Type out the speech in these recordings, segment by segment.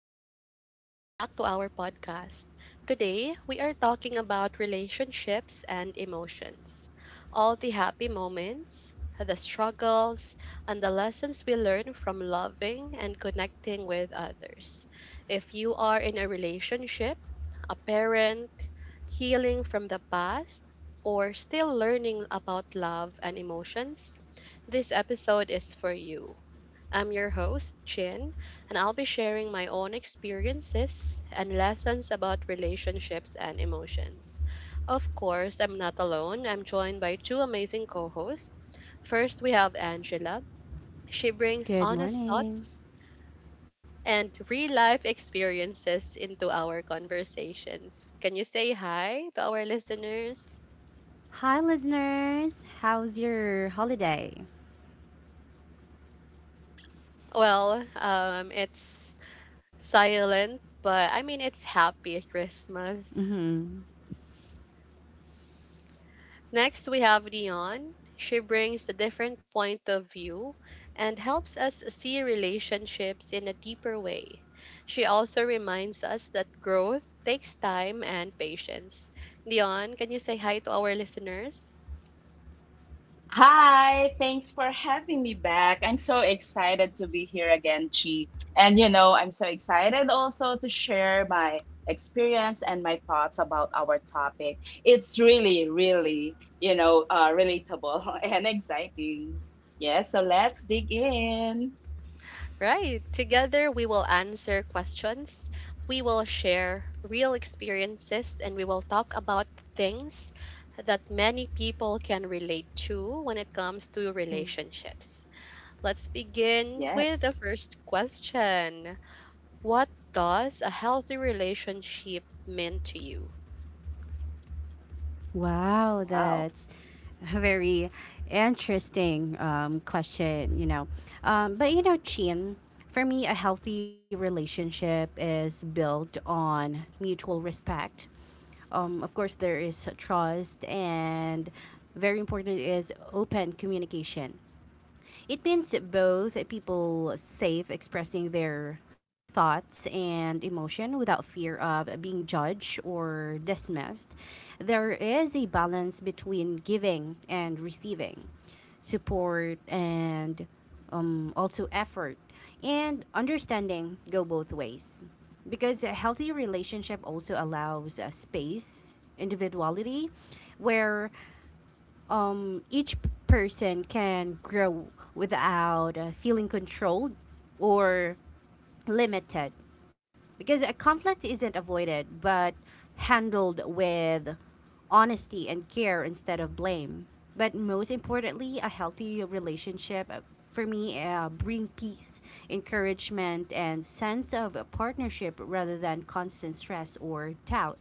everyone, and welcome back to our podcast. Today, we are talking about relationships and emotions. All the happy moments, the struggles, and the lessons we learn from loving and connecting with others. If you are in a relationship, a parent, healing from the past, or still learning about love and emotions, this episode is for you. I'm your host, Chin, and I'll be sharing my own experiences and lessons about relationships and emotions. Of course, I'm not alone. I'm joined by two amazing co hosts. First, we have Angela. She brings Good honest morning. thoughts and real life experiences into our conversations. Can you say hi to our listeners? Hi, listeners. How's your holiday? Well, it's silent, but I mean, it's happy Christmas. hmm Next, we have Dion. She brings a different point of view and helps us see relationships in a deeper way. She also reminds us that growth takes time and patience. Dion, can you say hi to our listeners? Hi, thanks for having me back. I'm so excited to be here again, Chi. And you know, I'm so excited also to share my experience and my thoughts about our topic. It's really, really, relatable and exciting. Yeah, so let's dig in. Right. Together, we will answer questions, we will share real experiences, and we will talk about things that many people can relate to when it comes to Mm. relationships. Let's begin Yes. with the first question. What does a healthy relationship mean to you? Wow, Wow. that's a very interesting question, you know. But, you know, Chin, for me, a healthy relationship is built on mutual respect. Of course, there is trust, and very important is open communication. It means both people safe expressing their thoughts and emotion without fear of being judged or dismissed. There is a balance between giving and receiving, support and also effort and understanding go both ways because a healthy relationship also allows a space individuality where each person can grow without feeling controlled or limited. Because a conflict isn't avoided, but handled with honesty and care instead of blame. But most importantly, a healthy relationship for me bring peace, encouragement, and sense of a partnership rather than constant stress or doubt.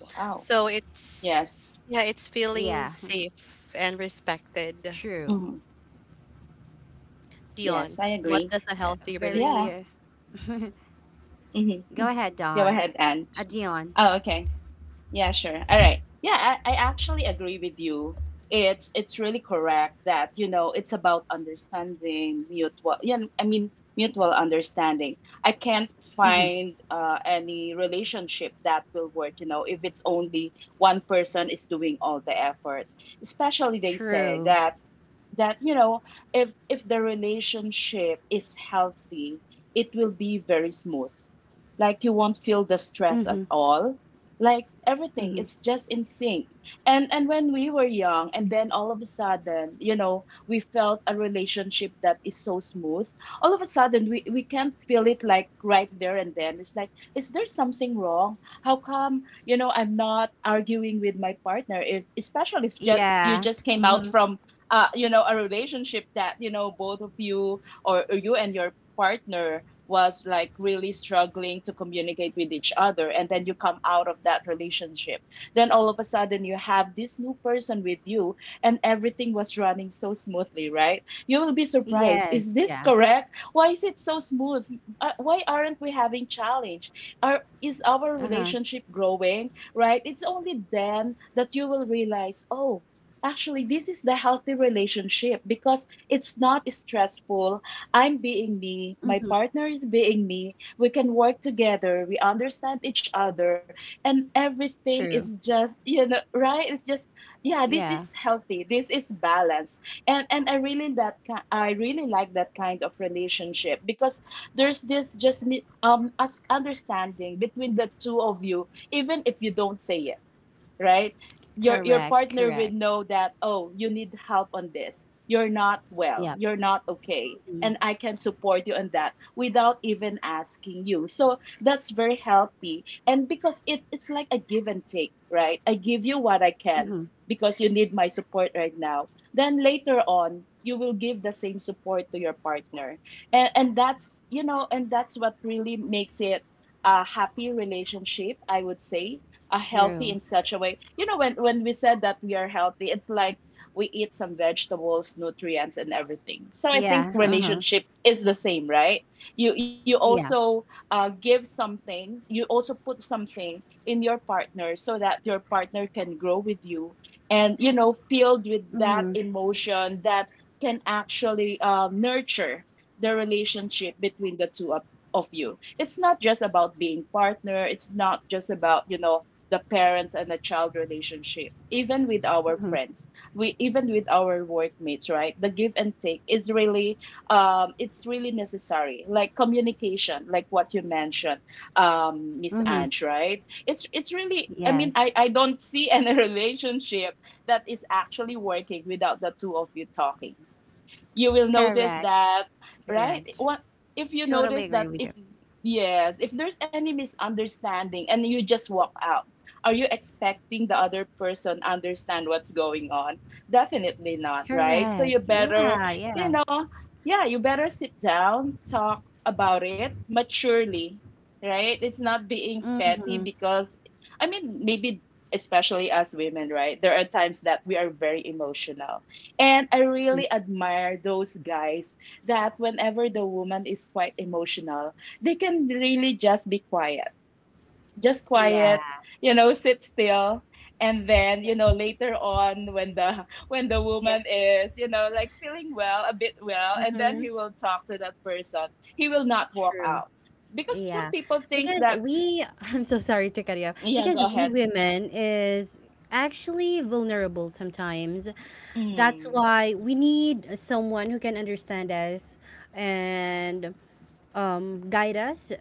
Wow. So it's Yes. yeah, it's feeling Yeah, safe and respected. true. Mhm. Yes, Dion, I what Yeah. agree. does a healthy relationship? Yeah. Very. Uh, Hmm. go ahead, Go Don. ahead, Anne. Dion. Oh, okay. Yeah, sure. All right. Yeah, I actually agree with you. It's really correct that, you know, it's about understanding mutual. Yeah, I mean mutual understanding. I can't Mm-hmm. find any relationship that will work. You know, if it's only one person is doing all the effort. Especially they say True. that you know, if the relationship is healthy, it will be very smooth. Like you won't feel the stress Mm-hmm. at all, like everything Mm-hmm. it's just in sync. And when we were young and then all of a sudden, you know, we felt a relationship that is so smooth, all of a sudden we can't feel it, like right there and then it's like, is there something wrong? How come, you know, I'm not arguing with my partner, if especially if just you Yeah. just came Mm-hmm. out from you know, a relationship that, you know, both of you, or you and your partner was like really struggling to communicate with each other, and then you come out of that relationship, then all of a sudden you have this new person with you and everything was running so smoothly, right? You will be surprised. Is Yes. this Yeah. correct? Why is it so smooth? Why aren't we having challenge? Is our Uh huh. relationship growing, right? It's only then that you will realize, oh, actually, this is the healthy relationship because it's not stressful. I'm being me, my Mm-hmm. partner is being me. We can work together, we understand each other, and everything is True. just, you know, right? It's just, yeah, this is Yeah. healthy. This is balance. And I really that I really like that kind of relationship, because there's this just us understanding between the two of you, even if you don't say it, right? Your Correct. partner will Correct. know that, oh, you need help on this. You're not well. Yep. You're not okay. Mm-hmm. And I can support you on that without even asking you. So that's very healthy. And because it's like a give and take, right? I give you what I can Mm-hmm. because you need my support right now. Then later on, you will give the same support to your partner. And that's, you know, and that's what really makes it a happy relationship, I would say, healthy in True. such a way. You know, when we said that we are healthy, it's like we eat some vegetables, nutrients, and everything. So I think Yeah. Uh huh. relationship is the same, right? You Yeah. also give something, you also put something in your partner so that your partner can grow with you, and you know, filled with that Mm-hmm. emotion that can actually nurture the relationship between the of you. It's not just about being partner. It's not just about, you know, the parents and the child relationship, even with our Mm-hmm. friends, we even with our workmates, right? The give and take is really it's really necessary, like communication, like what you mentioned, Miss Mm-hmm. Ange, right? It's really, I mean, i Yes. i don't see any relationship that is actually working without the two of you talking. You will notice Correct. that, right? Correct. What if you Totally notice agree that? with you. Yes, if there's any misunderstanding and you just walk out, are you expecting the other person understand what's going on? Definitely not, right? So Correct. you better, Yeah. you Yeah. know, yeah, you better sit down, talk about it maturely, right? It's not being petty Mm-hmm. because, I mean, maybe especially as women, right? There are times that we are very emotional, and I really admire those guys that whenever the woman is quite emotional, they can really just be quiet, just Yeah. quiet, you know, sit still. And then, you Yeah. know, later on when the when the Yeah. woman is, you know, like feeling well, a bit well, and then Mm-hmm. he will talk to that person. He will not walk True. out. Because some Yeah. people think Because that, we, I'm so sorry to cut you off. yeah, go Because we ahead. women is actually vulnerable sometimes. That's Mm, why we need someone who can understand us and guide us.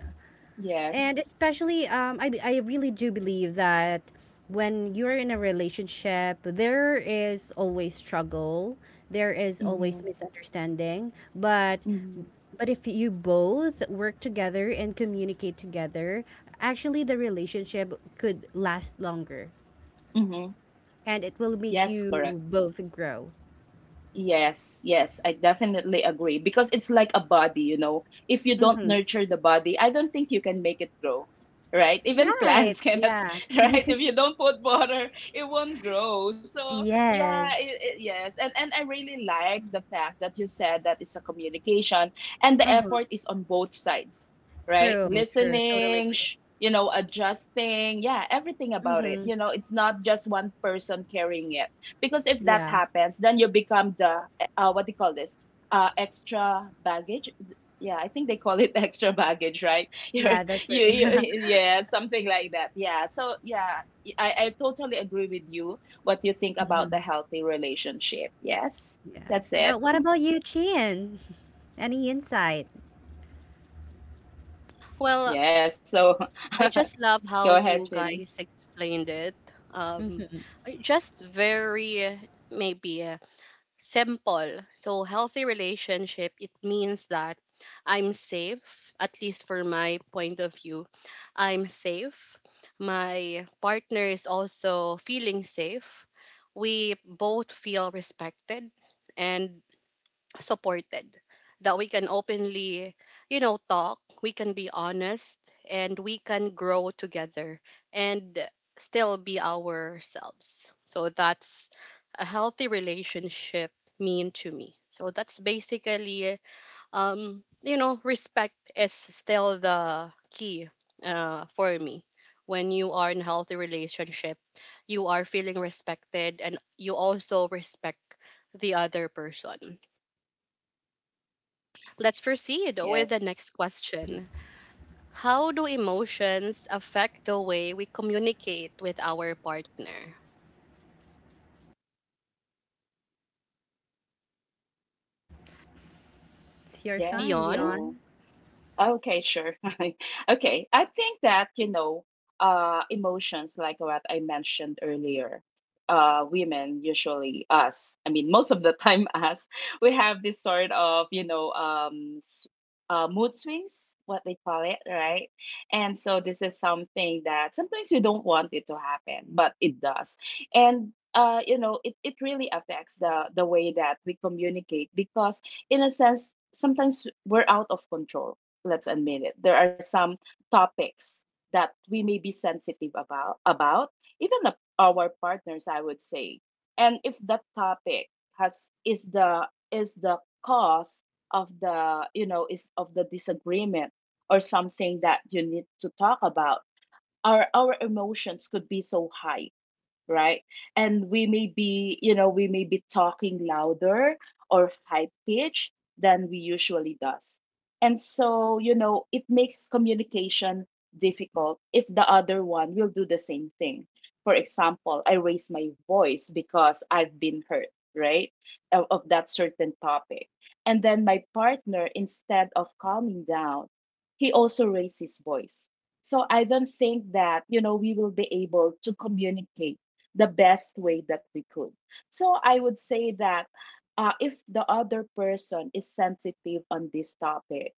yes. And especially, I really do believe that when you're in a relationship, there is always struggle, there is always Mm-hmm. misunderstanding. But Mm-hmm. but if you both work together and communicate together, actually the relationship could last longer, Mm-hmm. and it will make Yes, correct. you both grow. Yes, yes, I definitely agree because it's like a body, you know. If you don't Mm-hmm. nurture the body, I don't think you can make it grow, right? Even Right? plants cannot, Yeah. right? If you don't put water, it won't grow. So, yeah, Yes. Yes. And I really like the fact that you said that it's a communication and the Uh-huh. effort is on both sides, right? True. True. Totally Listening, agree. You know, adjusting, yeah, everything about it. Mm-hmm. You know, it's not just one person carrying it, because if that Yeah. happens, then you become the what do you call this? Extra baggage. Yeah, I think they call it extra baggage, right? You're, Yeah. That's very. Yeah, something like that. Yeah. So yeah, I totally agree with you. What you think about the Mhm. healthy relationship? Yes, Yeah. that's it. But what about you, Chin? Any insight? Well, Yes. So I go just love how ahead, you Chin. guys explained it. Um, just very maybe simple. So, healthy relationship, it means that I'm safe, at least for my point of view. I'm safe. My partner is also feeling safe. We both feel respected and supported, that we can openly, you know, talk, we can be honest, and we can grow together and still be ourselves. So that's a healthy relationship mean to me. So that's basically um you know, respect is still the key for me. When you are in healthy relationship, you are feeling respected and you also respect the other person. Let's proceed with the Yes. next question. How do emotions affect the way we communicate with our partner? It's your shine, Yes. Dion? Dion. So okay, sure. Okay. I think that, you know, emotions like what I mentioned earlier, women, usually us, I mean, most of the time us, we have this sort of, you know, mood swings, what they call it, right? And so this is something that sometimes you don't want it to happen, but it does. And you know, it really affects the way that we communicate because in a sense, sometimes we're out of control. Let's admit it, there are some topics that we may be sensitive about even the, our partners, I would say. And if that topic has is the cause of the, you know, is of the disagreement or something that you need to talk about, our emotions could be so high, right? And we may be, you know, we may be talking louder or high pitch than we usually does. And so, you know, it makes communication difficult if the other one will do the same thing. For example, I raise my voice because I've been hurt, right? Of that certain topic. And then my partner, instead of calming down, he also raised his voice. So I don't think that, you know, we will be able to communicate the best way that we could. So I would say that if the other person is sensitive on this topic,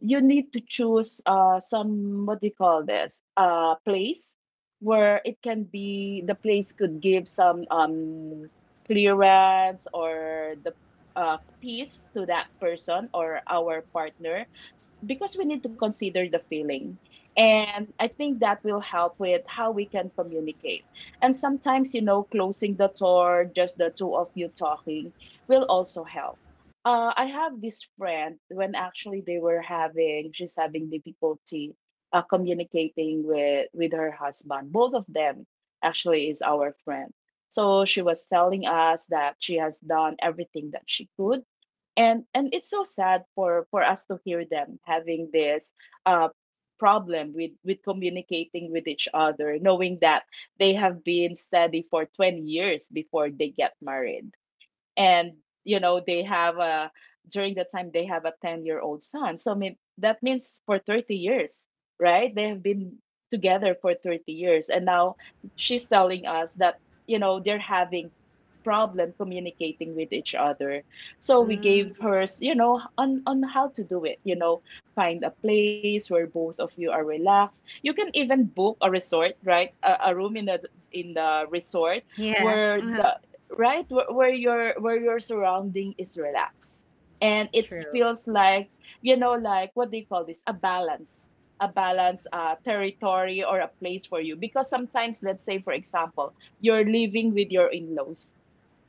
you need to choose some, what do you call this, place where it can be, the place could give some clearance or the peace to that person or our partner, because we need to consider the feeling, and I think that will help with how we can communicate. And sometimes, you know, closing the door, just the two of you talking, will also help. I have this friend when actually they were having, she's having difficulty communicating with her husband. Both of them actually is our friend. So she was telling us that she has done everything that she could. And it's so sad for us to hear them having this uh, problem with communicating with each other, knowing that they have been steady for 20 years before they get married, and you know they have a during the time they have a 10-year-old son. So I mean, that means for 30 years, right? They have been together for 30 years, and now she's telling us that, you know, they're having problem communicating with each other. So we gave her, Mm, you know, on how to do it, you know, find a place where both of you are relaxed. You can even book a resort, right? A room in the resort yeah. where the, right, where your surrounding is relaxed and it True. feels like, you know, like what do you call this, a balance, a balance territory or a place for you. Because sometimes, let's say for example, you're living with your in-laws,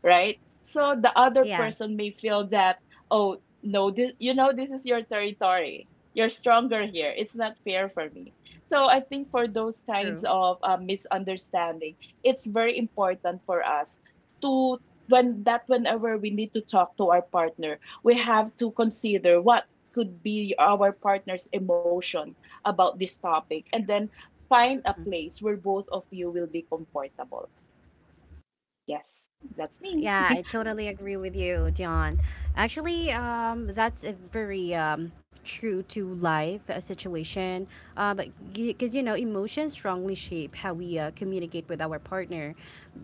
right? So the other Yeah. person may feel that, oh, no, this, you know, this is your territory. You're stronger here. It's not fair for me. So I think for those True. kinds of misunderstanding, it's very important for us to, when that, whenever we need to talk to our partner, we have to consider what could be our partner's emotion about this topic, and then find a place where both of you will be comfortable. Yes, that's me. Yeah, I totally agree with you, Dion. Actually, that's a very true to life situation. But because you know, emotions strongly shape how we communicate with our partner,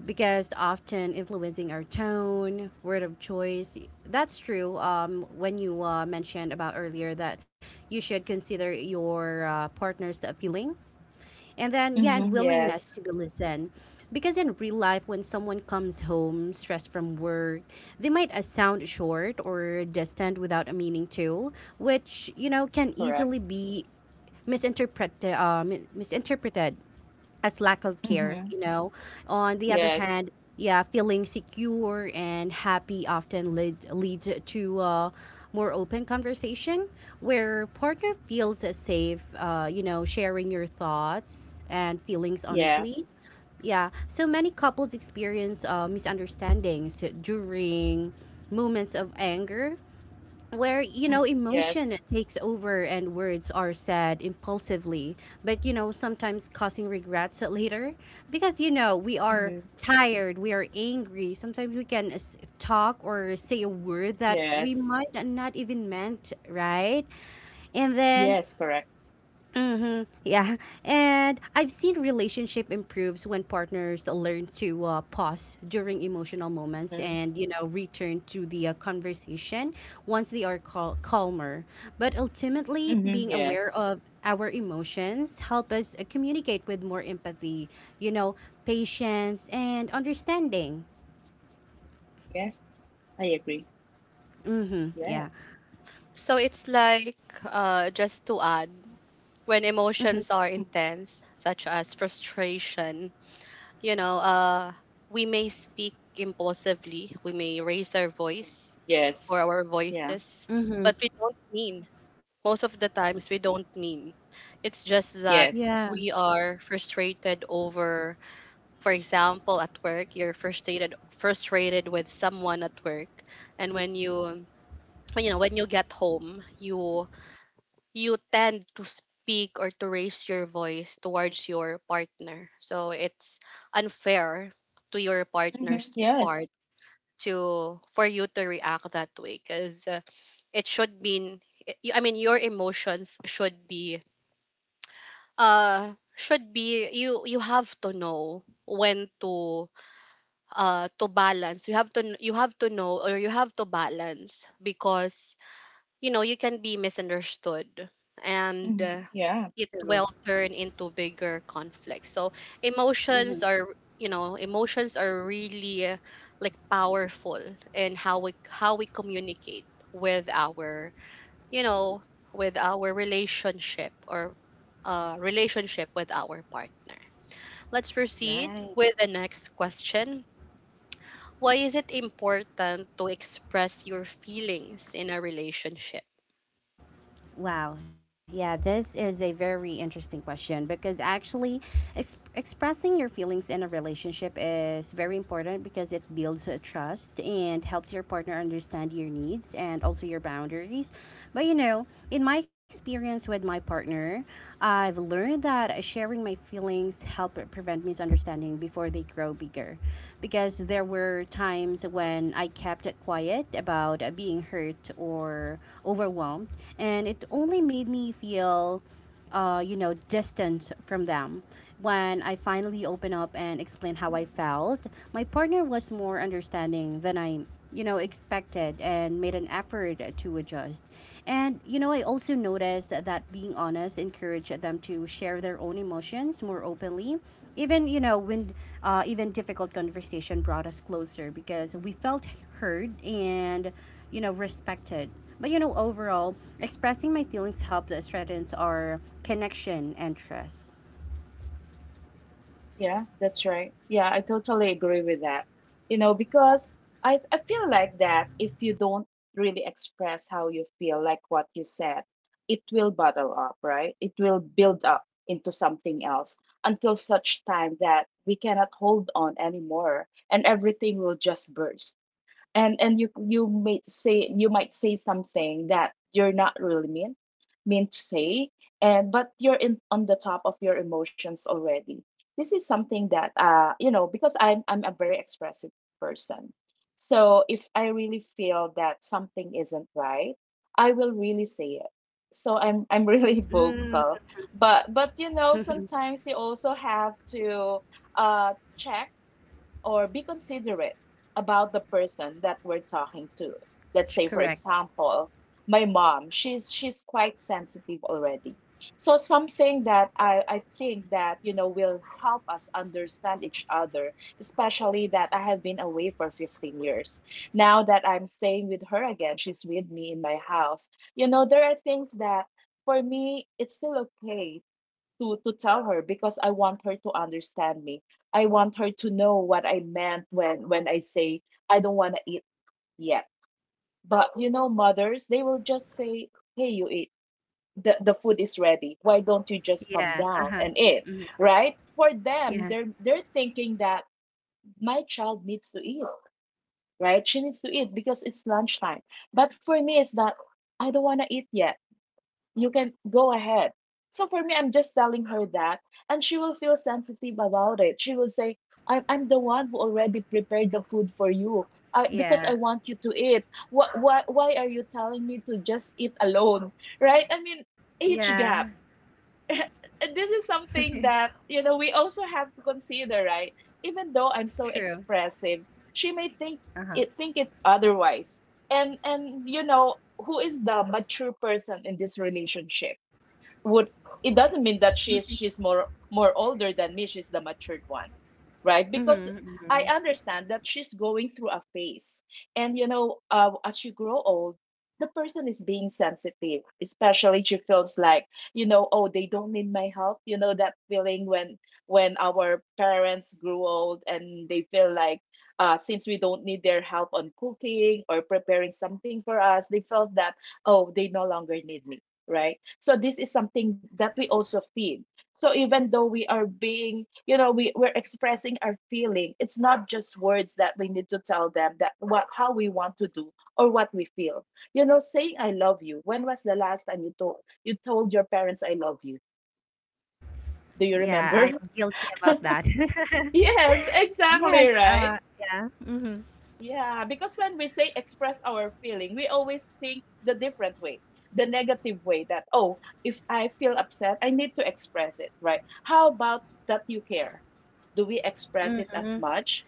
because often influencing our tone, word of choice. That's true. When you mentioned about earlier that you should consider your partner's feeling, and then yeah, and Mhm, willingness yes, to be listened, because in real life when someone comes home stressed from work they might sound short or distant without a meaning to, which you know can correct. easily be misinterpreted, misinterpreted as lack of care, Mhm, you know. On the other yes, hand, yeah, feeling secure and happy often leads to more open conversation where partner feels safe, you know, sharing your thoughts and feelings yeah, honestly. Yeah, so many couples experience misunderstandings during moments of anger where you know mm, emotion yes, takes over and words are said impulsively, but you know sometimes causing regrets later because you know we are mhm, tired, we are angry, sometimes we can talk or say a word that yes, we might not even meant, right? And then yes, correct. yeah, and I've seen relationship improves when partners learn to pause during emotional moments Mhm, and you know return to the conversation once they are calmer. But ultimately, mhm, being aware of our emotions help us communicate with more empathy, you know, patience and understanding. yes, I agree. Mhm. Yeah, Yeah. So it's like, just to add, when emotions are mhm, intense, such as frustration, you know, we may speak impulsively, we may raise our voice yes, or our yeah, voices, but Mhm. we don't mean. Most of the times, we don't mean. It's just that yes, Yeah. we are frustrated over. For example, at work, you're frustrated with someone at work, and when you get home, you tend to speak or to raise your voice towards your partner. So it's unfair to your mhm, partner's part, yes, to for you to react that way. Because it should mean, I mean, your emotions should be, you you have to know when to balance, you have to know or you have to balance, because you know you can be misunderstood, and mhm, uh, yeah. it will True. turn into bigger conflict. Emotions are, Mhm. you know, emotions are really, like, powerful in how we, how we communicate with our, you know, with our relationship or, relationship with our partner. Let's proceed with Right. the next question. Why is it important to express your feelings in a relationship? Wow. Yeah, this is a very interesting question because actually expressing your feelings in a relationship is very important because it builds a trust and helps your partner understand your needs and also your boundaries. But you know, in my experience with my partner, I've learned that sharing my feelings help prevent misunderstanding before they grow bigger. Because there were times when I kept it quiet about being hurt or overwhelmed, and it only made me feel you know, distant from them. When I finally opened up and explained how I felt, my partner was more understanding than I you know expected, and made an effort to adjust. And you know, I also noticed that being honest encouraged them to share their own emotions more openly, even you know when even difficult conversation brought us closer because we felt heard and you know respected. But you know overall, expressing my feelings helped strengthens our connection and trust. Yeah, that's right. Yeah, I totally agree with that. You know, because I feel like that if you don't really express how you feel, like what you said, it will bottle up, right? It will build up into something else until such time that we cannot hold on anymore and everything will just burst, and you may say you might say something that you're not really mean mean to say. And but you're in on the top of your emotions already. This is something that you know, because I'm a very expressive person. So if I really feel that something isn't right, I will really say it. So I'm really vocal. But But sometimes you also have to uh check or be considerate about the person that we're talking to. Let's say, for Correct. example, my mom, she's quite sensitive already. So something that I think that you know will help us understand each other, especially that I have been away for 15 years. Now that I'm staying with her again, she's with me in my house. You know, there are things that for me it's still okay to tell her because I want her to understand me. I want her to know what I meant when I say I don't want to eat yet. But you know, mothers, they will just say, "Hey, you eat. The food is ready. Why don't you just come Yeah. down Uh-huh. and eat?" Right? For them, they're Yeah. they're thinking that my child needs to eat, right? She needs to eat because it's lunchtime. But for me, it's that I don't want to eat yet, you can go ahead. So for me, I'm just telling her that, and she will feel sensitive about it. She will say, I'm the one who already prepared the food for you, I, because I want you Yeah. to eat. Why are you telling me to just eat alone? Right? I mean, age Yeah. gap. This is something that, you know, we also have to consider, right? Even though I'm so True. expressive, she may think Uh-huh. it otherwise. And you know, who is the mature person in this relationship? Would, it doesn't mean that she's more more older than me, she's the matured one, right? Because Mm-hmm. I understand that she's going through a phase. And you know, as you grow old, the person is being sensitive, especially she feels like, you know, oh, they don't need my help. You know that feeling when our parents grew old and they feel like, since we don't need their help on cooking or preparing something for us, they felt that, oh, they no longer need me, right? So this is something that we also feed. So even though we are being, you know, we, we're expressing our feeling, it's not just words that we need to tell them that what how we want to do or what we feel. You know, saying I love you. When was the last time you told, you told your parents I love you? Do you Yeah, remember? I'm guilty about that. Yes, exactly, Yes, right? yeah. Mm-hmm. Yeah, because when we say express our feeling, we always think the different way, the negative way that, oh, if I feel upset, I need to express it, right? How about that you care? Do we express it as much?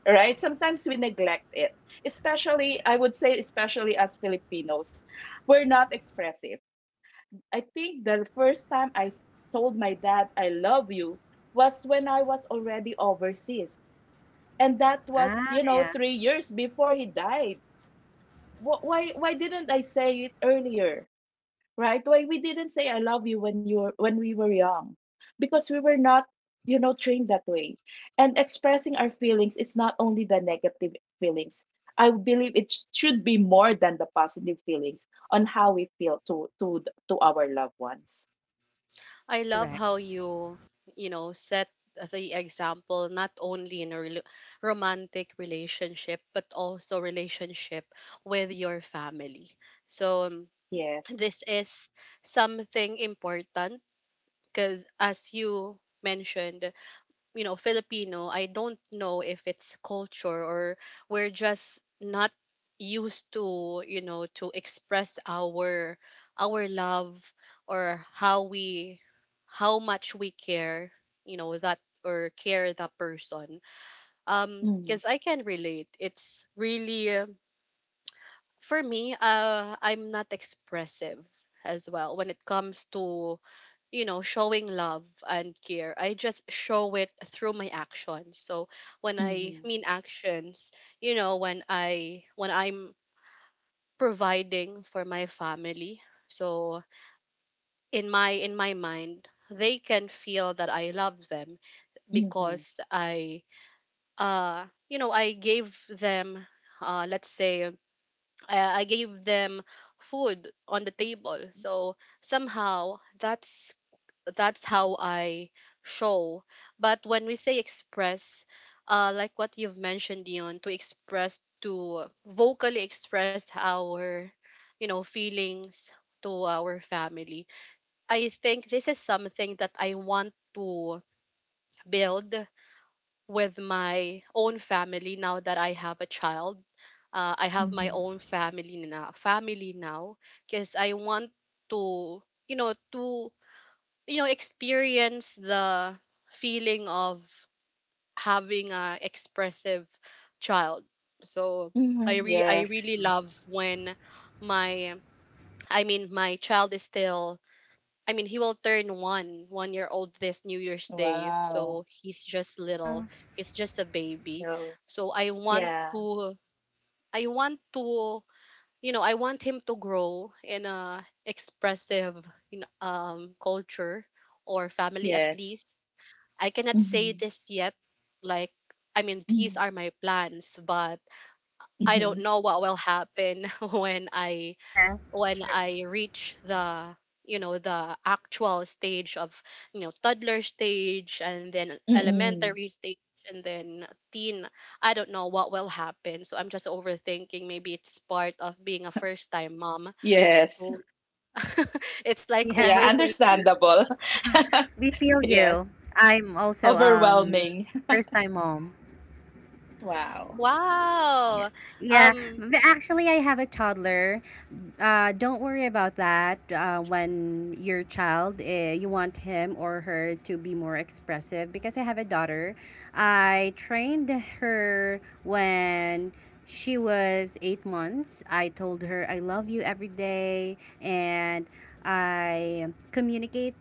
Right? Sometimes we neglect it, especially, I would say, especially as Filipinos, we're not expressive. I think the first time told my dad I love you was when I was already overseas, and that was, Ah, you know, yeah. 3 years before he died. Why didn't I say it earlier, right? Why we didn't say I love you when you were when we were young? Because we were not, you know, trained that way. And expressing our feelings is not only the negative feelings. I believe it should be more than the positive feelings on how we feel to to our loved ones. I love how Correct. you, you know, set the example not only in a rel romantic relationship but also relationship with your family. So, Yeah. this is something important because, as you mentioned, you know, Filipino, I don't know if it's culture or we're just not used to, you know, to express our love or how we, how much we care, you know, that or care that person. Mm-hmm. Because I can relate, it's really, for me, I'm not expressive as well when it comes to, you know, showing love and care. I just show it through my actions. So when I Mm-hmm. mean actions, you know, when I, when I'm providing for my family, so in my, in my mind, they can feel that I love them Mm-hmm. because I, uh, you know, I gave them, uh, let's say, uh, I gave them food on the table. So somehow that's how I show. But when we say express, like what you've mentioned, Dion, to express, to vocally express our, you know, feelings to our family. I think this is something that I want to build with my own family now that I have a child. I have my Mm-hmm. own family now. Because I want to, you know, to, you know, experience the feeling of having a expressive child. So I Mm-hmm. Yes. really love when my, I mean, my child is still, I mean, he will turn 1 year old this new year's day, Wow. so he's just little, Oh, he's just a baby. Yeah. So I want Yeah. to, I want to, you know, I want him to grow in a expressive, you know, culture or family, at Yes. least. I cannot say Mhm. this yet. Like, I mean, these Mhm. are my plans, but I don't Mhm. know what will happen when I, yeah, when I true. reach the, you know, the actual stage of, you know, toddler stage and then Mm-mm. elementary stage and then teen. I don't know what will happen, so I'm just overthinking. Maybe it's part of being a first time mom. Yes. So it's like Yeah, Yeah, overthinking. understandable. we feel you. Yes. I'm also Overwhelming. first time mom. Wow. Yeah. Wow. Yeah, um but actually, I have a toddler. Don't worry about that. When your child, you want him or her to be more expressive. Because I have a daughter, I trained her when she was 8 months. I told her I love you every day, and I communicate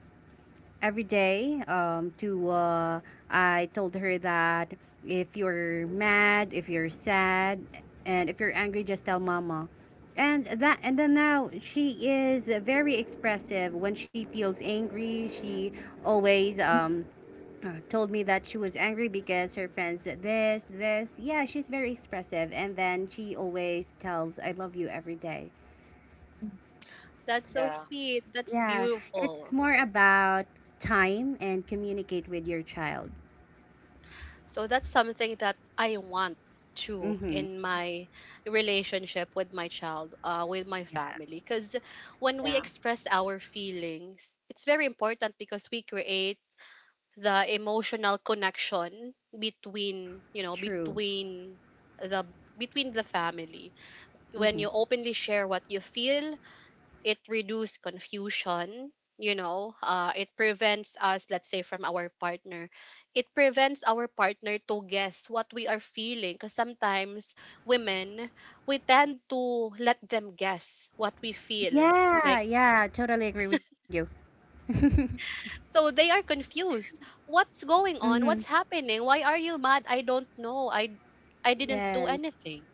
every day to I told her that if you're mad, if you're sad, and if you're angry, just tell mama. And that, and then now she is very expressive. When she feels angry, she always told me that she was angry because her friends said this, this. Yeah, she's very expressive, and then she always tells I love you every day. Mhm. That's so Yeah. sweet. That's Yeah, it's beautiful. more about time and communicate with your child. So that's something that I want too, Mm-hmm. in my relationship with my child, with my family. Because when we Yeah. express our feelings, it's very important because we create the emotional connection between, you know, True. between the, between the family. When Mm-hmm. you openly share what you feel, it reduces confusion. You know, it prevents us, let's say, from our partner, it prevents our partner to guess what we are feeling, because sometimes women, we tend to let them guess what we feel, Yeah, like, yeah, totally agree with you. so they are confused. What's going Mm-hmm. on, what's happening, why are you mad? I don't know, I didn't do Yes. anything.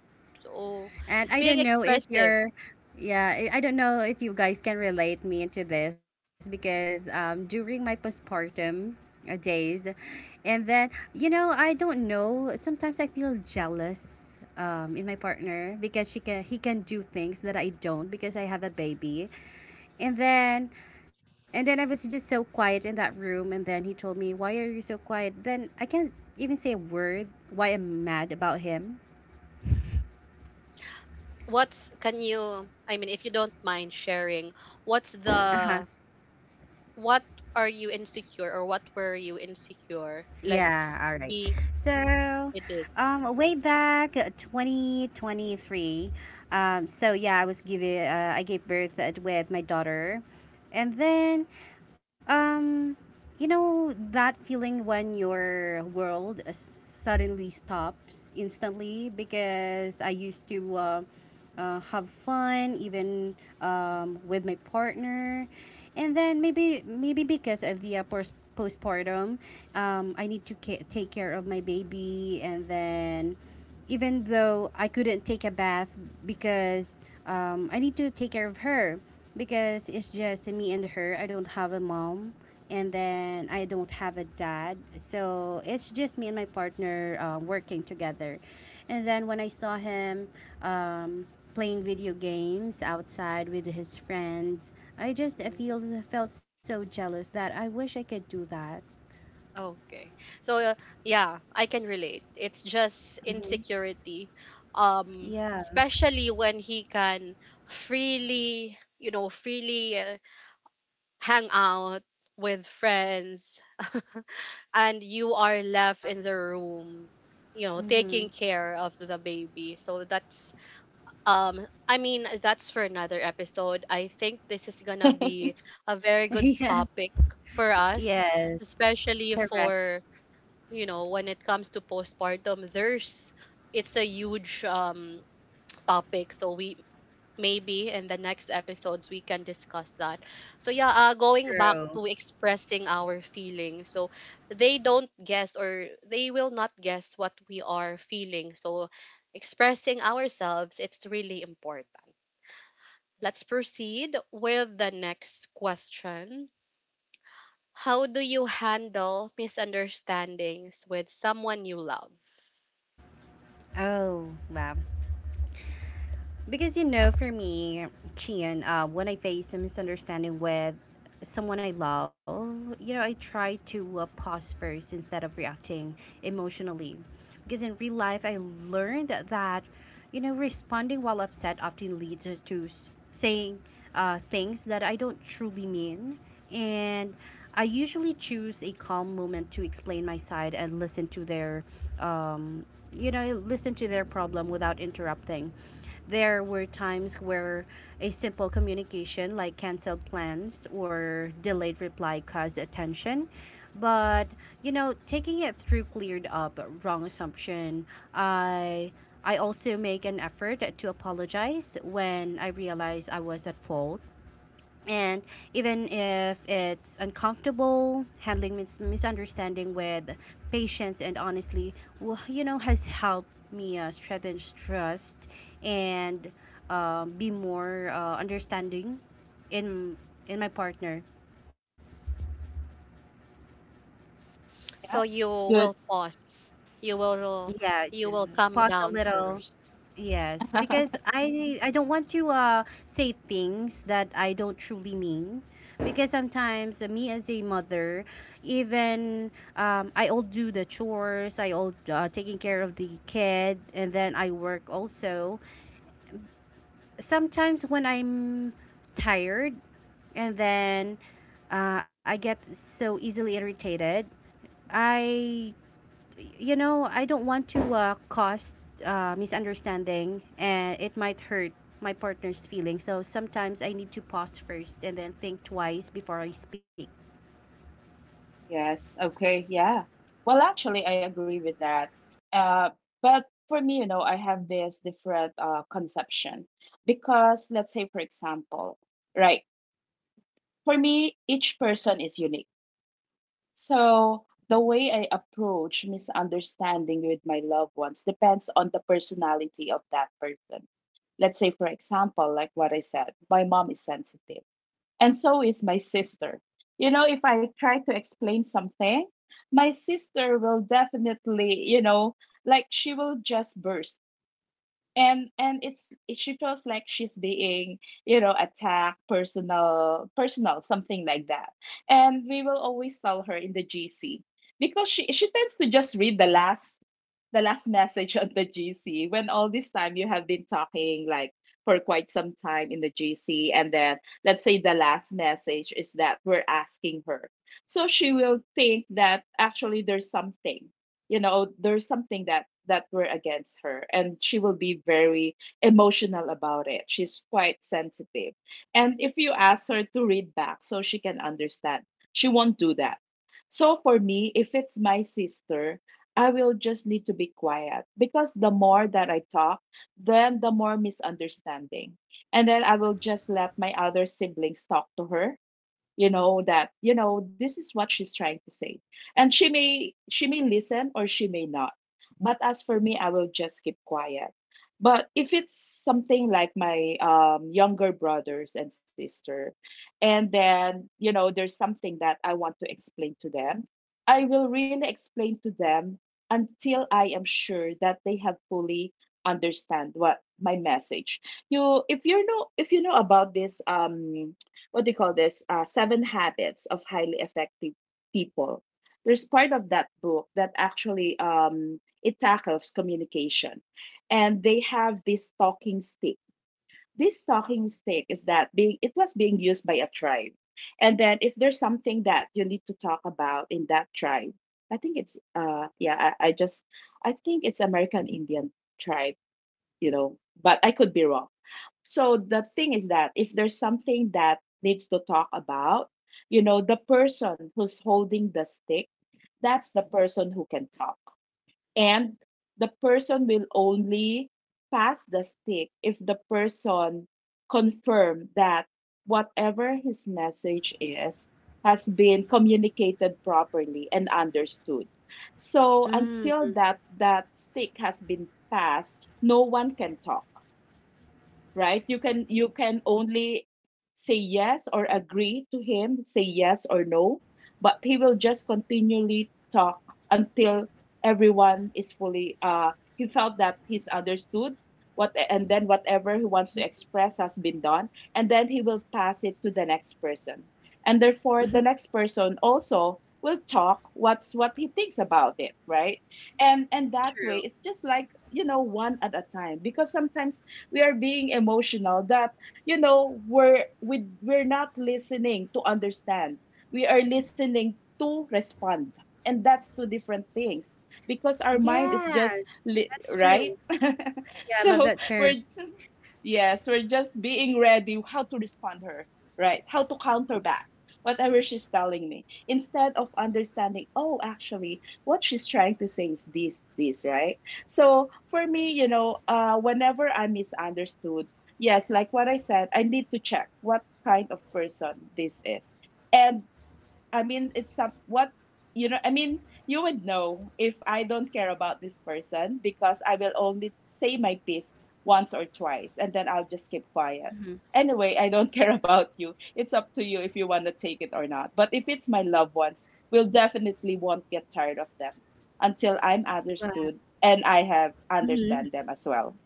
So And I don't being know if expressive. you're, yeah, I don't know if you guys can relate me into this because during my postpartum days, and then, you know, I don't know. Sometimes I feel jealous in my partner because she can, he can do things that I don't because I have a baby. And then, and then I was just so quiet in that room. And then he told me, "Why are you so quiet?" Then I can't even say a word. Why I'm mad about him. What's, can you, I mean, if you don't mind sharing, what's Uh the huh. what, are you insecure, or what were you insecure? Like, Yeah, all right. he, So, he did. It. Way back 2023, so yeah, I gave birth with my daughter. And then, um, you know, that feeling when your world suddenly stops instantly because I used to, have fun even with my partner. And then maybe because of the postpartum, I need to take care of my baby. And then even though I couldn't take a bath because I need to take care of her because it's just me and her. I don't have a mom, and then I don't have a dad. So it's just me and my partner working together. And then when I saw him um, playing video games outside with his friends, I just Mm, feel felt so jealous that I wish I could do that. okay. So, yeah, I can relate. It's just hmm insecurity. Um, Yeah. especially when he can freely, you know, freely, hang out with friends and you are left in the room, you know, Mm-hmm. taking care of the baby. So that's. I mean, that's for another episode. I think this is gonna be a very good yeah. topic for us, Yes. especially for, Correct. you know, when it comes to postpartum, there's, it's a huge topic. So we, maybe in the next episodes we can discuss that. So yeah, going back to True. expressing our feelings. So they don't guess, or they will not guess what we are feeling. So expressing ourselves, it's really important. Let's proceed with the next question. How do you handle misunderstandings with someone you love? Oh, wow. Because you know, for me, Chian, when I face a misunderstanding with someone I love, you know, I try to pause first instead of reacting emotionally. Because in real life, I learned that, you know, responding while upset often leads to saying things that I don't truly mean. And I usually choose a calm moment to explain my side and listen to their, um, you know, listen to their problem without interrupting. There were times where a simple communication like canceled plans or delayed reply caused attention. But, you know, taking it through cleared up wrong assumption. I also make an effort to apologize when I realize I was at fault. And even if it's uncomfortable, handling misunderstanding with patience and honestly you know has helped me strengthen trust and be more understanding in in my partner. So Yeah. you That's will good. pause. You will Yeah, you to will calm pause a down little. first. Yes, because I don't want to say things that I don't truly mean. Because sometimes me as a mother, even I all do the chores, I all taking care of the kid, and then I work also. Sometimes when I'm tired, and then I get so easily irritated, I you know, I don't want to cause misunderstanding and it might hurt my partner's feelings. So sometimes I need to pause first and then think twice before I speak. Yes. Okay. Yeah. Well, actually, I agree with that. Uh, but for me, you know, I have this different conception. Because, let's say, for example, right? For me, each person is unique. So the way I approach misunderstanding with my loved ones depends on the personality of that person. Let's say, for example, like what I said, my mom is sensitive, and so is my sister. You know, if I try to explain something, my sister will definitely, you know, like she will just burst. And it's she feels like she's being, you know, attacked, personal something like that. And we will always tell her in the GC, because she tends to just read the last, the last message on the GC, when all this time you have been talking like for quite some time in the GC, and then let's say the last message is that we're asking her. So she will think that actually there's something, you know, there's something that that were against her, and she will be very emotional about it. She's quite sensitive. And if you ask her to read back so she can understand, she won't do that. So for me, if it's my sister, I will just need to be quiet, because the more that I talk, then the more misunderstanding. And then I will just let my other siblings talk to her, you know, that you know this is what she's trying to say. And she may, she may listen, or she may not. But as for me, I will just keep quiet. But if it's something like my younger brothers and sister, and then, you know, there's something that I want to explain to them, I will really explain to them until I am sure that they have fully understand what my message. You, if you know, if you know about this, um, what do you call this? Seven Habits of Highly Effective People. There's part of that book that actually, it tackles communication, and they have this talking stick. This talking stick is that being it was being used by a tribe. And then if there's something that you need to talk about in that tribe, I think it's uh, yeah, I just I think it's American Indian tribe, you know, but I could be wrong. So the thing is that if there's something that needs to talk about, you know, the person who's holding the stick, that's the person who can talk. And the person will only pass the stick if the person confirm that whatever his message is has been communicated properly and understood. So Mm, until that stick has been passed, no one can talk, right? You can only say yes or agree to him, say yes or no, but he will just continually talk until everyone is fully uh, he felt that he's understood what, and then whatever he wants to express has been done, and then he will pass it to the next person. And therefore the next person also will talk what's what he thinks about it, right? And that way, true. it's just like, you know, one at a time, because sometimes we are being emotional that, you know, we're not listening to understand, we are listening to respond, and that's two different things. Because our mind is Yeah, just that's right. true. Yeah, I love So that term. we're, yes, we're just being ready how to respond her, right? How to counter back whatever she's telling me, instead of understanding, oh, actually, what she's trying to say is this, this, right? So for me, you know, whenever I'm misunderstood, yes, like what I said, I need to check what kind of person this is. And I mean, it's some what, you know. I mean, you would know if I don't care about this person, because I will only say my piece once or twice, and then I'll just keep quiet. hmm Anyway, I don't care about you. It's up to you if you want to take it or not. But if it's my loved ones, we'll definitely won't get tired of them until I'm understood and I have hmm understand them as well.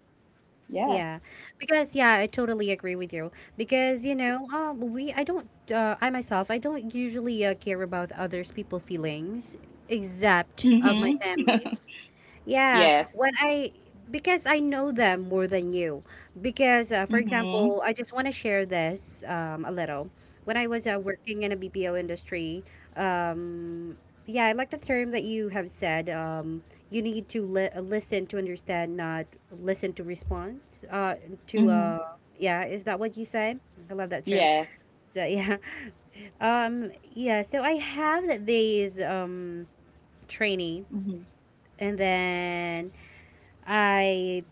Yeah. Yeah, because yeah, I totally agree with you. Because you know, we I don't, I myself, I don't usually care about others people feelings, except of my Mm-hmm. family. Yeah, when Yes. I because I know them more than you. Because for example, Mm-hmm. I just want to share this a little. When I was working in a BPO industry, um, yeah, I like the term that you have said. You need to listen to understand, not listen to response. To Mm-hmm. Yeah, is that what you said? I love that term. Yes. So yeah, yeah. So I have these trainee, Mm-hmm. and then. I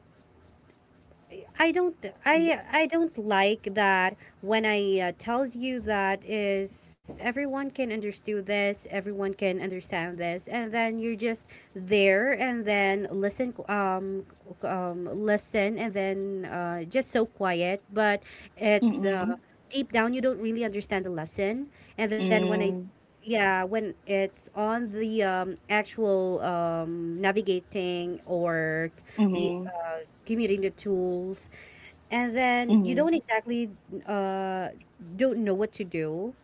I don't Yeah. I don't like that when I tell you that is everyone can understand this, everyone can understand this, and then you're just there and then listen listen and then just so quiet, but it's Mm-hmm. Deep down you don't really understand the lesson, and then when I Mm, yeah when it's on the actual navigating or mhm, give me the tools and then you mhm, don't exactly uh don't know what to do.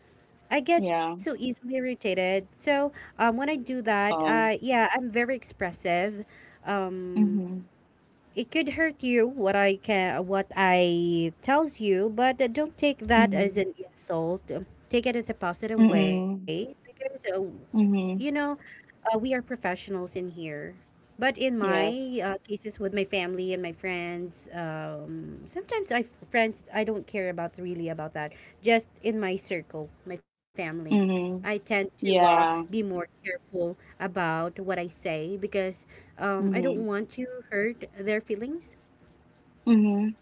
I get so yeah, easily irritated, so when I do that um, yeah, I'm very expressive. um mhm, it could hurt you what I can what I tells you, but don't take that as mhm, an insult. Take it as a positive way hmm, because you know, mhm, we are professionals in here. But in my yes, cases with my family and my friends, sometimes I friends I don't care about really about that. Just in my circle, my family, I mhm, tend to be yeah, more careful about what I say because I don't mhm, want to hurt their feelings. mhm,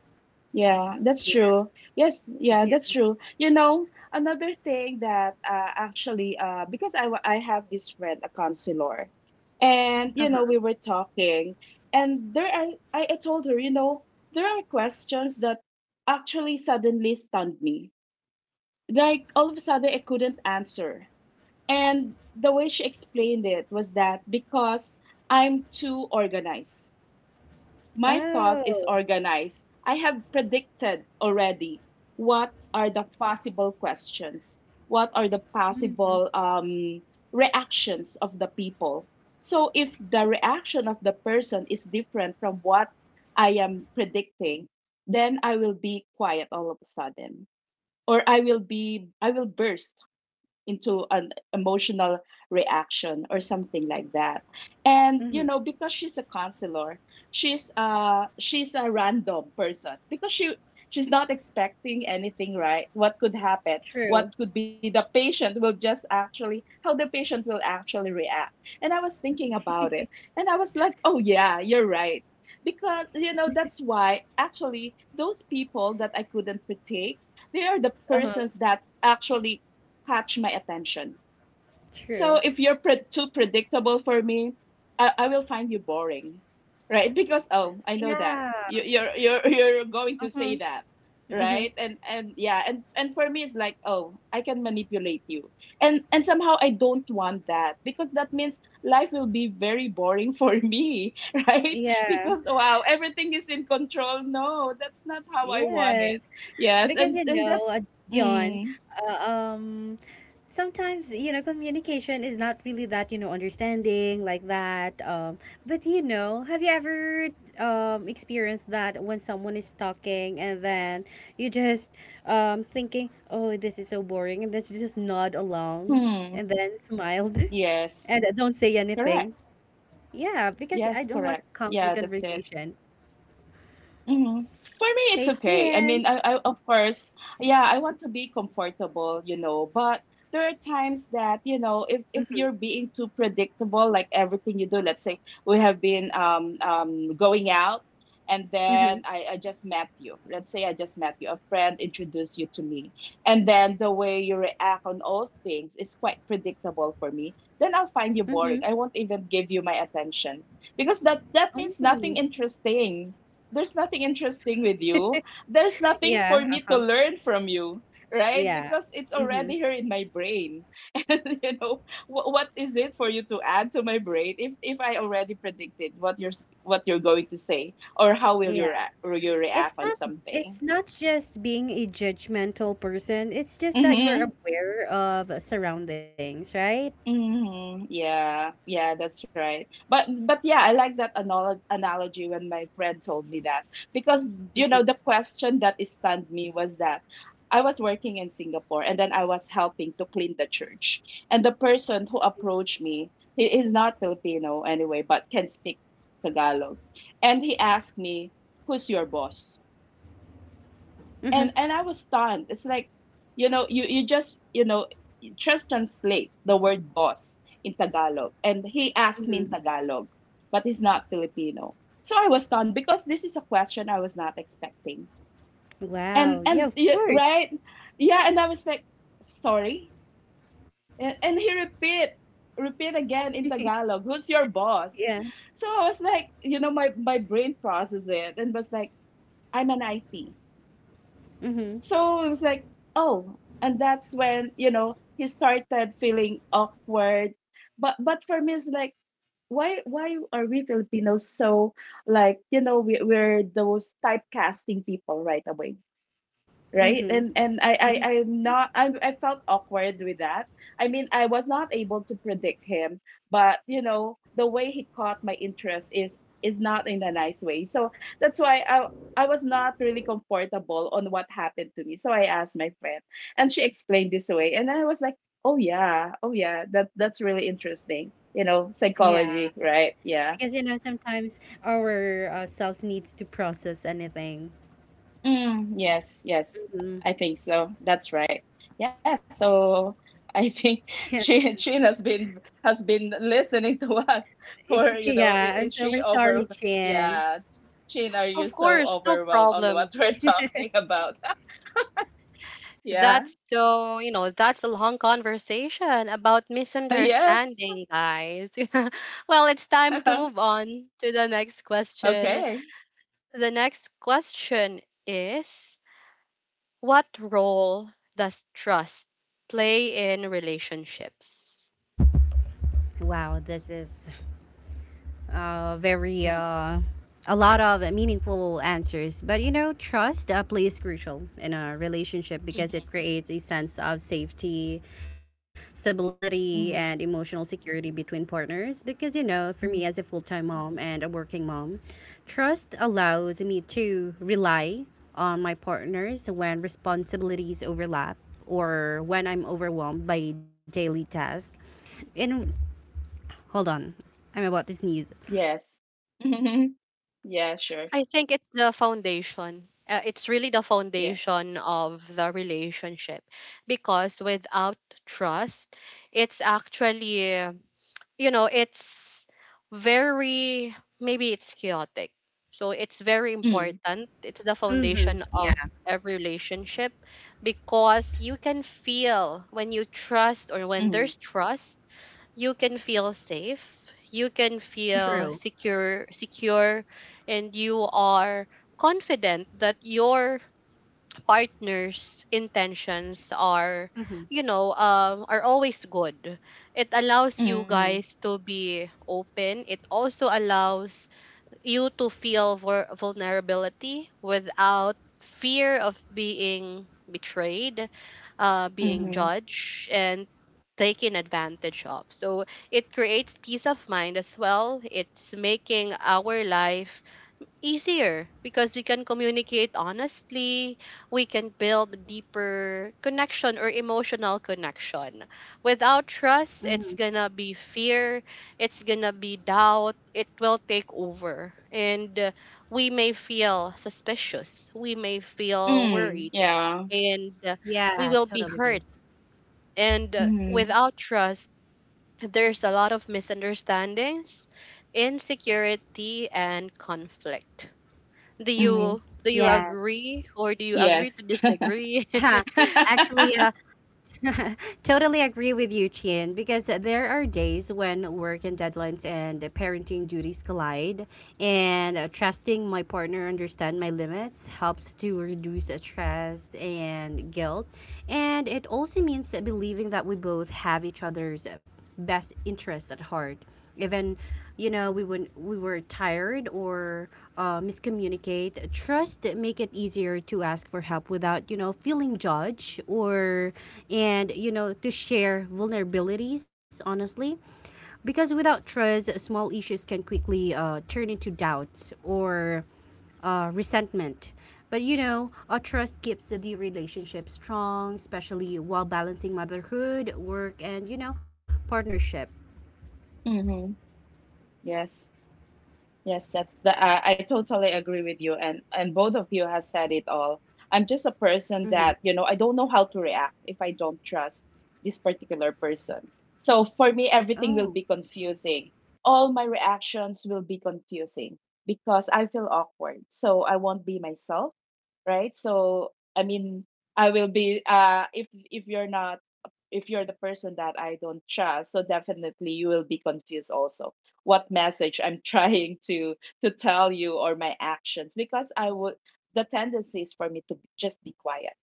yeah, Yeah, that's true. Yes, yeah. yeah, that's true. You know, another thing that actually, because I have this friend, a counselor, and Uh you know, huh. we were talking, and there are I told her, you know, there are questions that actually suddenly stunned me, like all of a sudden I couldn't answer. And the way she explained it was that because I'm too organized. My thought is Oh. organized. I have predicted already what are the possible questions, what are the Mm-hmm. possible reactions of the people. So if the reaction of the person is different from what I am predicting, then I will be quiet all of a sudden or I will burst into an emotional reaction or something like that. And Mm-hmm. you know, because she's a counselor, she's a random person because she's not expecting anything, right? What could happen? True. What could be the patient will just actually how the patient will actually react. And I was thinking about it and I was like, "Oh yeah, you're right." Because you know, that's why actually those people that I couldn't predict they are the Uh huh. persons that actually catch my attention. So True. if you're too predictable for me, I will find you boring, right? Because oh, I know that Yeah. you- you're you're going Uh to huh. say that, Uh huh. right? And yeah, and for me it's like oh, I can manipulate you, and somehow I don't want that because that means life will be very boring for me, right? Yeah. Because wow, everything is in control. No, that's not how I want it. Yes, Yes, because and and that's Dion, mm, uh, um, sometimes you know communication is not really that you know understanding like that. But you know, have you ever experienced that when someone is talking and then you just thinking, oh, this is so boring, and then you just nod along hmm, and then smiled yes. and don't say Correct. anything. Yeah, because Yes, I don't correct. want Yeah, conflict that's it. conversation. Mhm. For me, it's Hey, okay. I Gian. mean, I of course, yeah, I want to be comfortable, you know, but there are times that, you know, if you're being too predictable, like everything you do, let's say we have been going out and Mm-hmm. then I just met you. Let's say I just met you. A friend introduced you to me. And then the way you react on all things is quite predictable for me. Then I'll find you Mm-hmm. boring. I won't even give you my attention because that means Oh. nothing interesting there's nothing interesting with you. There's nothing Yeah, for me to uh-huh. learn from you, right? Yeah. Because it's Mm-hmm. already here in my brain. And you know, what is it for you to add to my brain if I already predicted what what you're going to say or how will Yeah. Will you It's react on not it's something? not just being a judgmental person. It's just that you're Mm-hmm. aware of surroundings, right? Mhm. Yeah. Yeah, that's right. But yeah, I like that analogy when my friend told me that because you Mm-hmm. know the question that stunned me was that I was working in Singapore and then I was helping to clean the church. And the person who approached me, he is not Filipino anyway, but can speak Tagalog. And he asked me, "Who's your boss?" Mm-hmm. And I was stunned. It's like, you know, you just translate the word boss in Tagalog, and he asked me Mm-hmm. in Tagalog, but he's not Filipino. So I was stunned because this is a question I was not expecting, Wow. Yeah, of course. right, yeah, and I was like, sorry, and he repeat again in Tagalog, who's your boss? Yeah. So I was like, you know, my brain processed it and was like, I'm an IT. Mm-hmm. So it was like, oh, and that's when, you know, he started feeling awkward. But for me it's like why are we Filipinos so like, you know, we're those typecasting people right away, right? Mm-hmm. And and i i i'm not i i felt awkward with that. I mean I was not able to predict him, but you know the way he caught my interest is not in a nice way, so that's why I I was not really comfortable on what happened to me, so I asked my friend and she explained this away and I was like, oh yeah, that that's really interesting, you know, Yeah. psychology, right? Yeah. Because you know sometimes our selves needs to process anything. Mm, yes, yes, Mm-hmm. I think so. That's right. Yeah, so I think she Chin has been listening to us for, you know, yeah. I'm is so she we're sorry, over? Chin. Yeah. Chin, are you Of so course, no overwhelmed on what problem. we're talking about? Yeah. That's so, you know, that's a long conversation about Yes. misunderstanding, guys. Well, it's time to move on to the next question. Okay. The next question is, what role does trust play in relationships? Wow, this is very Mm, a lot of meaningful answers. But you know, trust plays crucial in a relationship mhm, because it creates a sense of safety, stability, and mhm, emotional security between partners. Because you know, for me as a full mhm. time mom and a working mom, trust allows me to rely on my partners when responsibilities overlap or when I'm overwhelmed by daily tasks. And hold on, I'm about to sneeze. Yes. Mhm. Yeah, sure. I think it's the foundation. It's really the Yeah. foundation of the relationship because without trust, it's actually, you know, it's very, maybe it's chaotic. So it's very Mm, important. It's the Mhm. foundation of Yeah, every relationship because you can feel, when you trust or when there's mm, trust, you can feel safe, you can feel mhm, true. secure, and you are confident that your partner's intentions are, Mhm. you know, are always good. It allows you mhm, guys to be open, it also allows you to feel vulnerability without fear of being betrayed, being Mhm. mhm, judged, and taken advantage of. So it creates peace of mind as well. It's making our life easier because we can communicate honestly, we can build deeper connection or emotional connection. Without trust, Mhm. it's gonna be fear, it's gonna be doubt, it will take over. And we may feel suspicious, we may feel mm, worried, yeah, and Yeah, we will be totally agree. hurt. And mm-hmm, without trust, there's a lot of misunderstandings, insecurity, and conflict. do mhm. you do you Yes. agree, or do you agree to Yes. disagree? Ha, actually, totally agree with you, Chien, because there are days when work and deadlines and parenting duties collide, and trusting my partner understand my limits helps to reduce stress and guilt, and it also means believing that we both have each other's best interest at heart even you know we when we were tired or miscommunicate trust that make it easier to ask for help without feeling judged or and you know to share vulnerabilities honestly because without trust small issues can quickly turn into doubts or resentment. But you know, a trust keeps the relationship strong, especially while balancing motherhood, work, and you know, partnership. Mhm. Yes. Yes, that's the I totally agree with you and both of you has said it all. I'm just a Mm-hmm. person that, you know, I don't know how to react if I don't trust this particular person. So for me Oh, everything will be confusing. All my reactions will be confusing because I feel awkward. So I won't be myself, right? So I mean, I will be if you're not if you're the person that I don't trust, so definitely you will be confused also what message I'm trying to tell you or my actions because I would the tendency is for me to just be quiet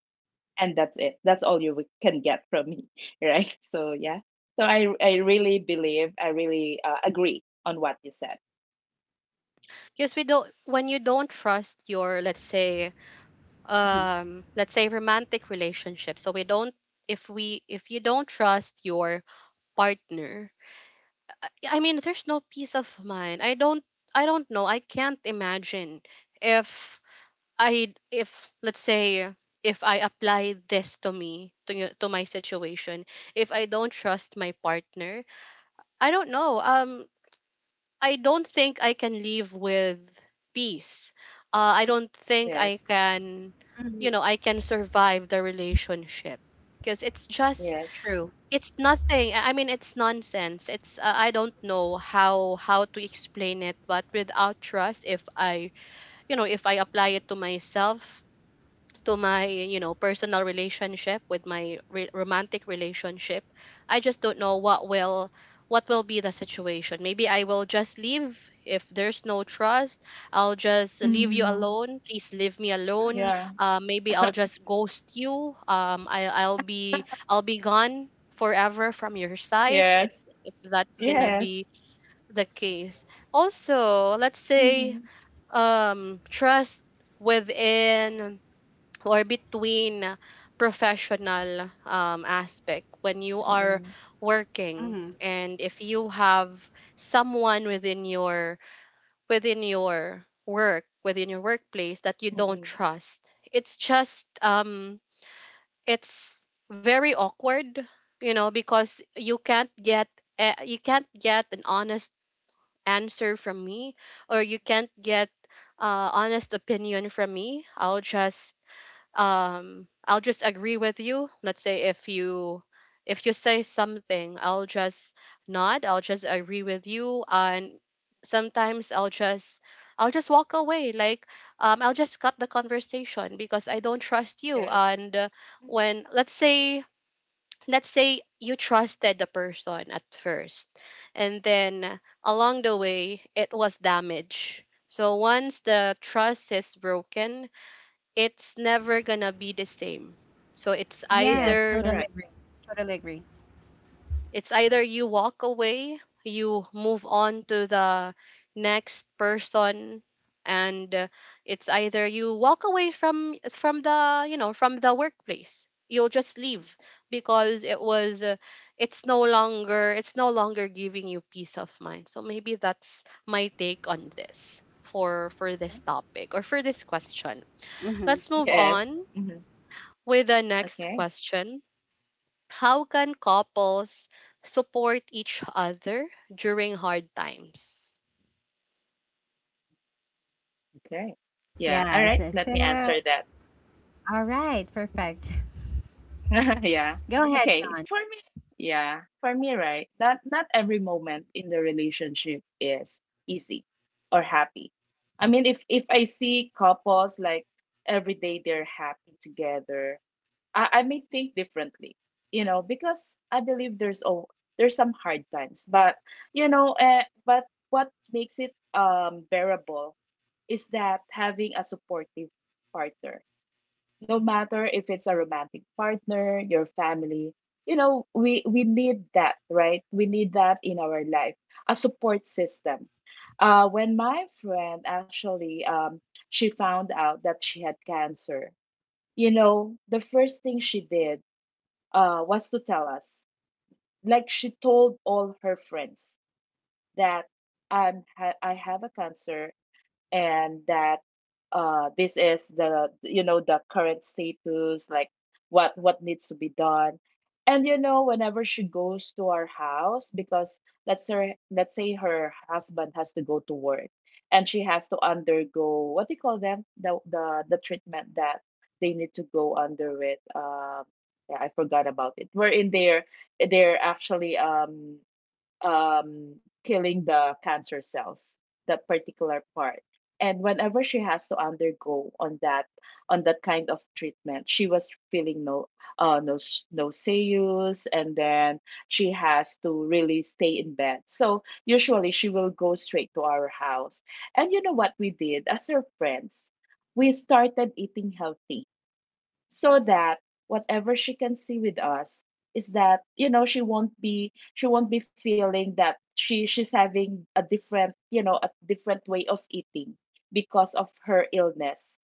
and that's it. That's all you can get from me, right? So yeah. So I really believe I really agree on what you said. Because we don't, when you don't trust your, let's say, mm-hmm. Let's say romantic relationship, so we don't, if you don't trust your partner, yeah, I mean there's no peace of mind. I don't know, I can't imagine if I if let's say, if I apply this to me to, to my situation, if I don't trust my partner, I don't know. I don't think I can live with peace. I don't think I Yes. can, you Hmm. know, I can survive the relationship because it's just, Yes. True. it's nothing. I mean, it's nonsense. It's I don't know how to explain it, but without trust, if I if I apply it to myself, to my personal relationship, with my romantic relationship, I just don't know what will, what will be the situation. Maybe I will just leave. If there's no trust, I'll just leave you Mm-hmm. alone, please leave me alone. Yeah. Maybe I'll just ghost you. I'll be, I'll be gone forever from your side. Yes. It's, if that's gonna Yes. be the case. Also, let's say Mm-hmm. Trust within or between professional aspect, when you are Mm-mm. working Mm-hmm. and if you have someone within your, within your work within your workplace, that you don't Mm-mm. trust, it's just it's very awkward. You know, because you can't get an honest answer from me, or you can't get honest opinion from me. I'll just I'll just agree with you. Let's say if you, if you say something, I'll just nod, I'll just agree with you. And sometimes I'll just, I'll just walk away. Like I'll just cut the conversation, because I don't trust you. And Yes. When, let's say, let's say you trusted the person at first, and then along the way it was damaged. So once the trust is broken, it's never gonna be the same. So it's Yes, Yes. either, totally Correct. agree. Totally agree. it's either you walk away, you move on to the next person. And it's either you walk away from the you know, from the workplace, you'll just leave, because it was it's no longer, it's no longer giving you peace of mind. So maybe that's my take on this, for this topic, or for this question. Let's move Yes. on Hmm. with the next Okay. question. How can couples support each other during hard times? Okay. Yeah. All Yes. right. Let me So, answer that. all right, perfect. Yeah. Go ahead, Okay. John. For me, yeah. For me, right. Not every moment in the relationship is easy or happy. I mean, if I see couples like every day they're happy together, I may think differently, you know, because I believe there's some hard times, but you know, but what makes it bearable is that having a supportive partner, no matter if it's a romantic partner, your family, you know, we need that, right? We need that in our life, a support system. When my friend actually she found out that she had cancer, you know, the first thing she did was to tell us. Like she told all her friends that I have a cancer and that this is the you know the current status like what needs to be done, and you know whenever she goes to our house because let's say her husband has to go to work and she has to undergo what do you call them the treatment that they need to go under it yeah, I forgot about it. We're in there. They're actually killing the cancer cells, that particular part. And whenever she has to undergo on that kind of treatment, she was feeling no uh, no nauseous, and then she has to really stay in bed. So usually she will go straight to our house. And you know what we did as her friends? We started eating healthy so that whatever she can see with us is that you know she won't be feeling that she's having a different you know a different way of eating because of her illness.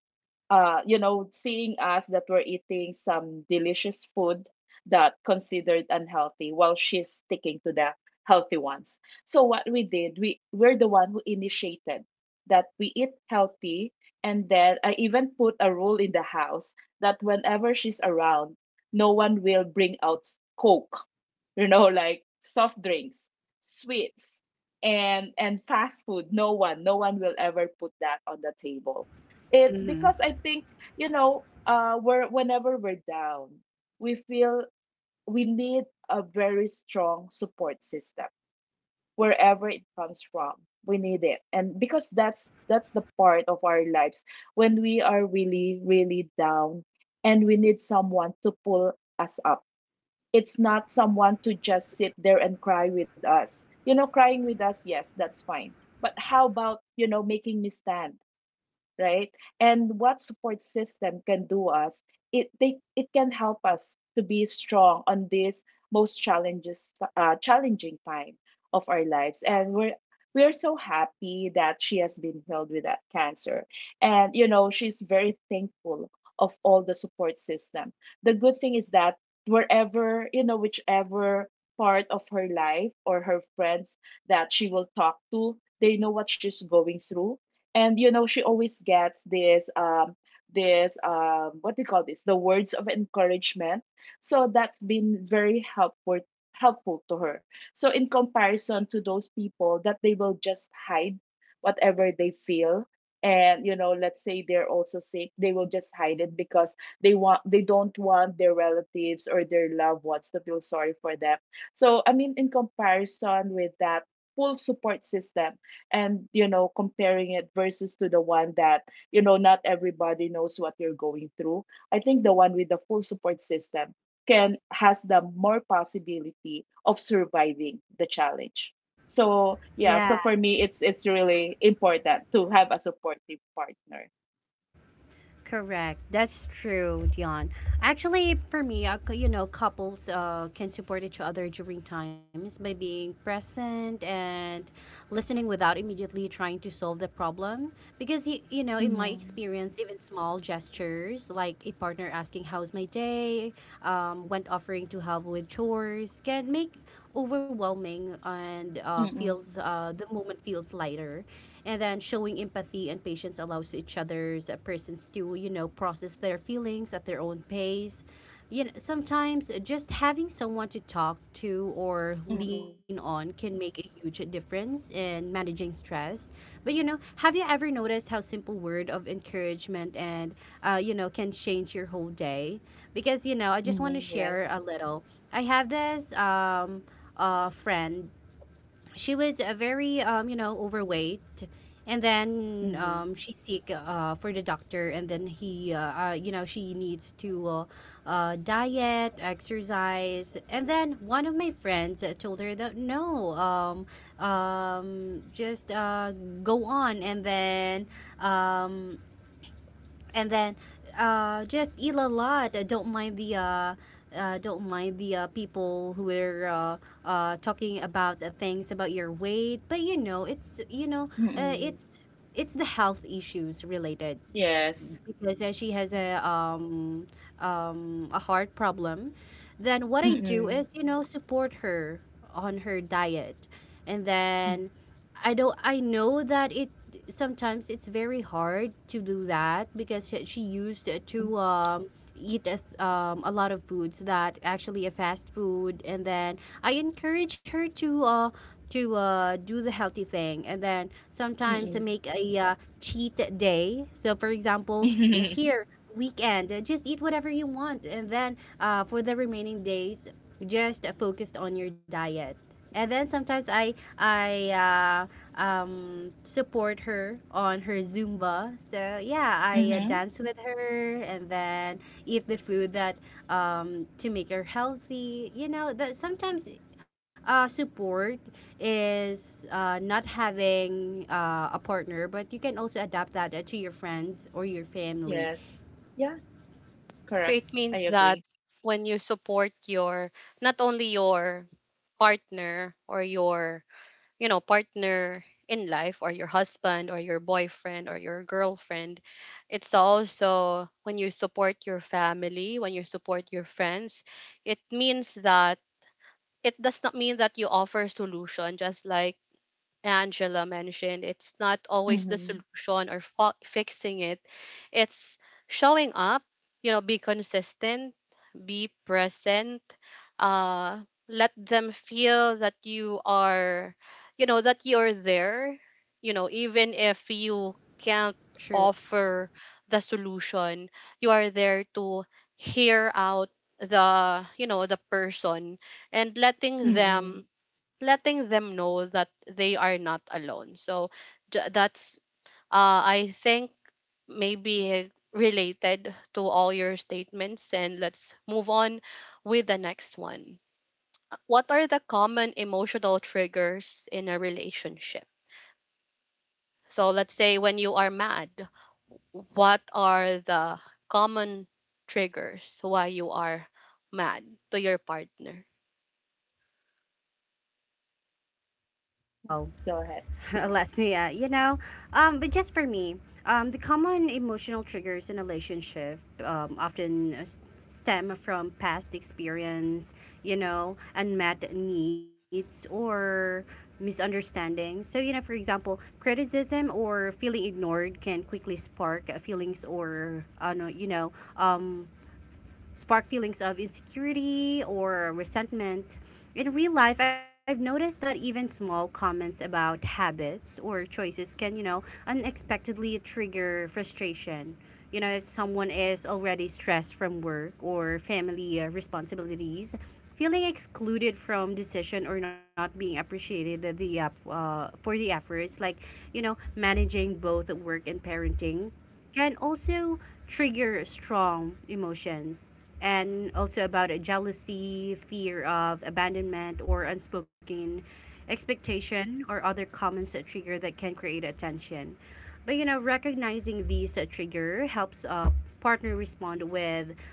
You know, seeing us that we're eating some delicious food that considered unhealthy while she's sticking to the healthy ones. So what we did, we're the one who initiated that we eat healthy, and then I even put a rule in the house that whenever she's around, no one will bring out coke, you know, like soft drinks, sweets, and fast food. No one, no one will ever put that on the table. It's Mm-hmm. because I think, you know, we're whenever we're down, we feel we need a very strong support system wherever it comes from. We need it. And because that's the part of our lives when we are really, really down and we need someone to pull us up. It's not someone to just sit there and cry with us. You know, crying with us, yes, that's fine. But how about, you know, making me stand? Right? And what support system can do us, it can help us to be strong on this most challenges challenging time of our lives. And we are so happy that she has been healed with that cancer. And you know, she's very thankful of all the support system. The good thing is that wherever, you know, whichever part of her life or her friends that she will talk to, they know what she's going through, and you know she always gets this what do you call this the words of encouragement, so that's been very helpful helpful to her. So in comparison to those people that they will just hide whatever they feel, and you know let's say they're also sick, they will just hide it because they don't want their relatives or their loved ones to feel sorry for them. So I mean in comparison with that full support system, and you know comparing it versus to the one that you know not everybody knows what you're going through, I think the one with the full support system can has the more possibility of surviving the challenge. So yeah, Yeah. so for me it's really important to have a supportive partner. Correct. That's true, Dion. Actually, for me, you know, couples can support each other during times by being present and listening without immediately trying to solve the problem. Because, you know, in my Mm-hmm. experience, even small gestures like a partner asking, how's my day? When offering to help with chores can make overwhelming and Mm-mm. feels the moment feels lighter, and then showing empathy and patience allows each other's persons to you know process their feelings at their own pace. You know, sometimes just having someone to talk to or Mm-mm. lean on can make a huge difference in managing stress. But you know, have you ever noticed how simple word of encouragement and you know can change your whole day? Because you know I just want to Mm-mm. share a Yes. little. I have this friend. She was a very you know overweight, and then Mm-mm. She seek for the doctor, and then he you know she needs to diet exercise. And then one of my friends told her that no, just go on, um and then just eat a lot. Don't mind the people who are talking about the things about your weight. But you know, uh, Mm-mm. it's it's the health issues related Yes. because she has a heart problem. Then what I do Mm-mm. is you know support her on her diet, Mm-mm. and then I don't I know that it sometimes it's very hard to do that because she used to eat a, a lot of foods that actually a fast food. And then I encourage her to do the healthy thing, and then sometimes Mm-mm. I make a cheat day. So for example yeah, Mhm. here weekend just eat whatever you want, and then for the remaining days just focused on your diet. And then sometimes I support her on her zumba, so yeah I Mm-hmm. dance with her and then eat the food that to make her healthy. You know that sometimes support is not having a partner, but you can also adapt that to your friends or your family. Yes, yeah. So Correct. it means I that agree. when you support your, not only your partner, or your, you know, partner in life, or your husband, or your boyfriend, or your girlfriend, it's also when you support your family, when you support your friends. It means that it does not mean that you offer solution. Just like Angela mentioned, it's not always the Mm-hmm. solution, or fixing it. It's showing up, you know, be consistent, be present, uh, let them feel that you are, you know, that you're there, you know, even if you can't True. offer the solution, you are there to hear out the, you know, the person, and letting them, Mm-hmm. letting them know that they are not alone. So that's I think maybe related to all your statements. And let's move on with the next one. What are the common emotional triggers in a relationship? So let's say when you are mad, what are the common triggers why you are mad to your partner? Well, Yes, go ahead. let's me, yeah, you know. But just for me, the common emotional triggers in a relationship often stem from past experience, you know, unmet needs or misunderstanding. So, you know, for example, criticism or feeling ignored can quickly spark feelings or, you know, um, spark feelings of insecurity or resentment. In real life, I've noticed that even small comments about habits or choices can, you know, unexpectedly trigger frustration. You know, if someone is already stressed from work or family responsibilities, feeling excluded from decision or not being appreciated the for the efforts like you know managing both work and parenting can also trigger strong emotions, and also about a jealousy, fear of abandonment, or unspoken expectation, or other comments that trigger that can create a tension. But you know, recognizing these trigger helps a partner respond with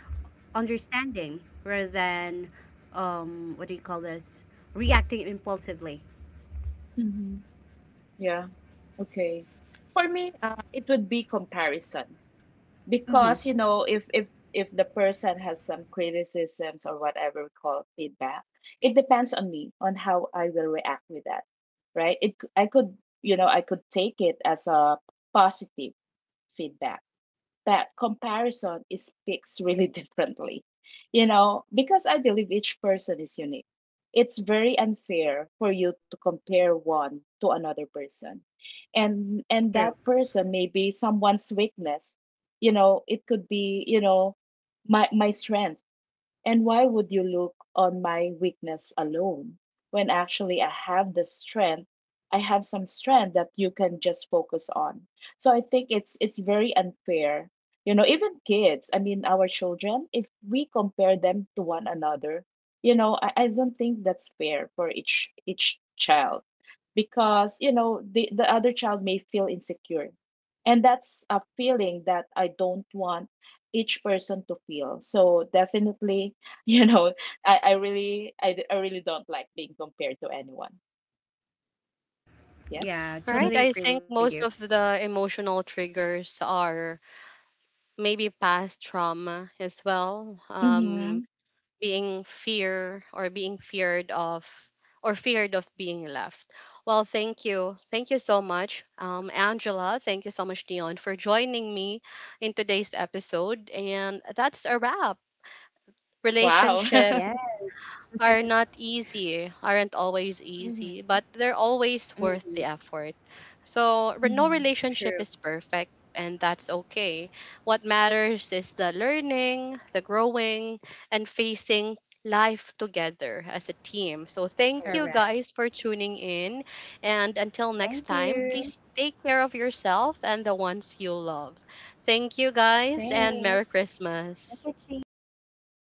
understanding rather than what do you call this? Reacting impulsively. Mm-hmm. Yeah. Okay. For me, it would be comparison because you Mm-hmm. know if if the person has some criticisms or whatever we call feedback, it depends on me on how I will react with that, right? I could you know I could take it as a positive feedback. But comparison is speaks really differently, you know, because I believe each person is unique. It's very unfair for you to compare one to another person. And that True. person may be someone's weakness. You know, it could be, you know, my strength, and why would you look on my weakness alone when actually I have the strength? I have some strength that you can just focus on. So I think it's very unfair. You know, even kids, I mean our children, if we compare them to one another, you know, I don't think that's fair for each child because, you know, the other child may feel insecure. And that's a feeling that I don't want each person to feel. So definitely, you know, I really don't like being compared to anyone. Yeah. All Yeah, right, I totally think agree with most you. of the emotional triggers are maybe past trauma as well, um, Mm-hmm. being fear, or being feared of, or feared of being left. Well, thank you, thank you so much, um, Angela, thank you so much, Dion, for joining me in today's episode. And that's a wrap. Wow. Relationships Yeah. are not easy, aren't always easy, Mm-hmm. but they're always worth the effort. So, no Mm-hmm. relationship True. is perfect, and that's okay. What matters is the learning, the growing, and facing life together as a team. So, thank Correct. you guys Correct. for tuning in. And until Thank next time, you. please take care of yourself and the ones you love. Thank you guys, Thanks. and Yes. Merry Thank Christmas. you, Jean. Merry Yes. Christmas,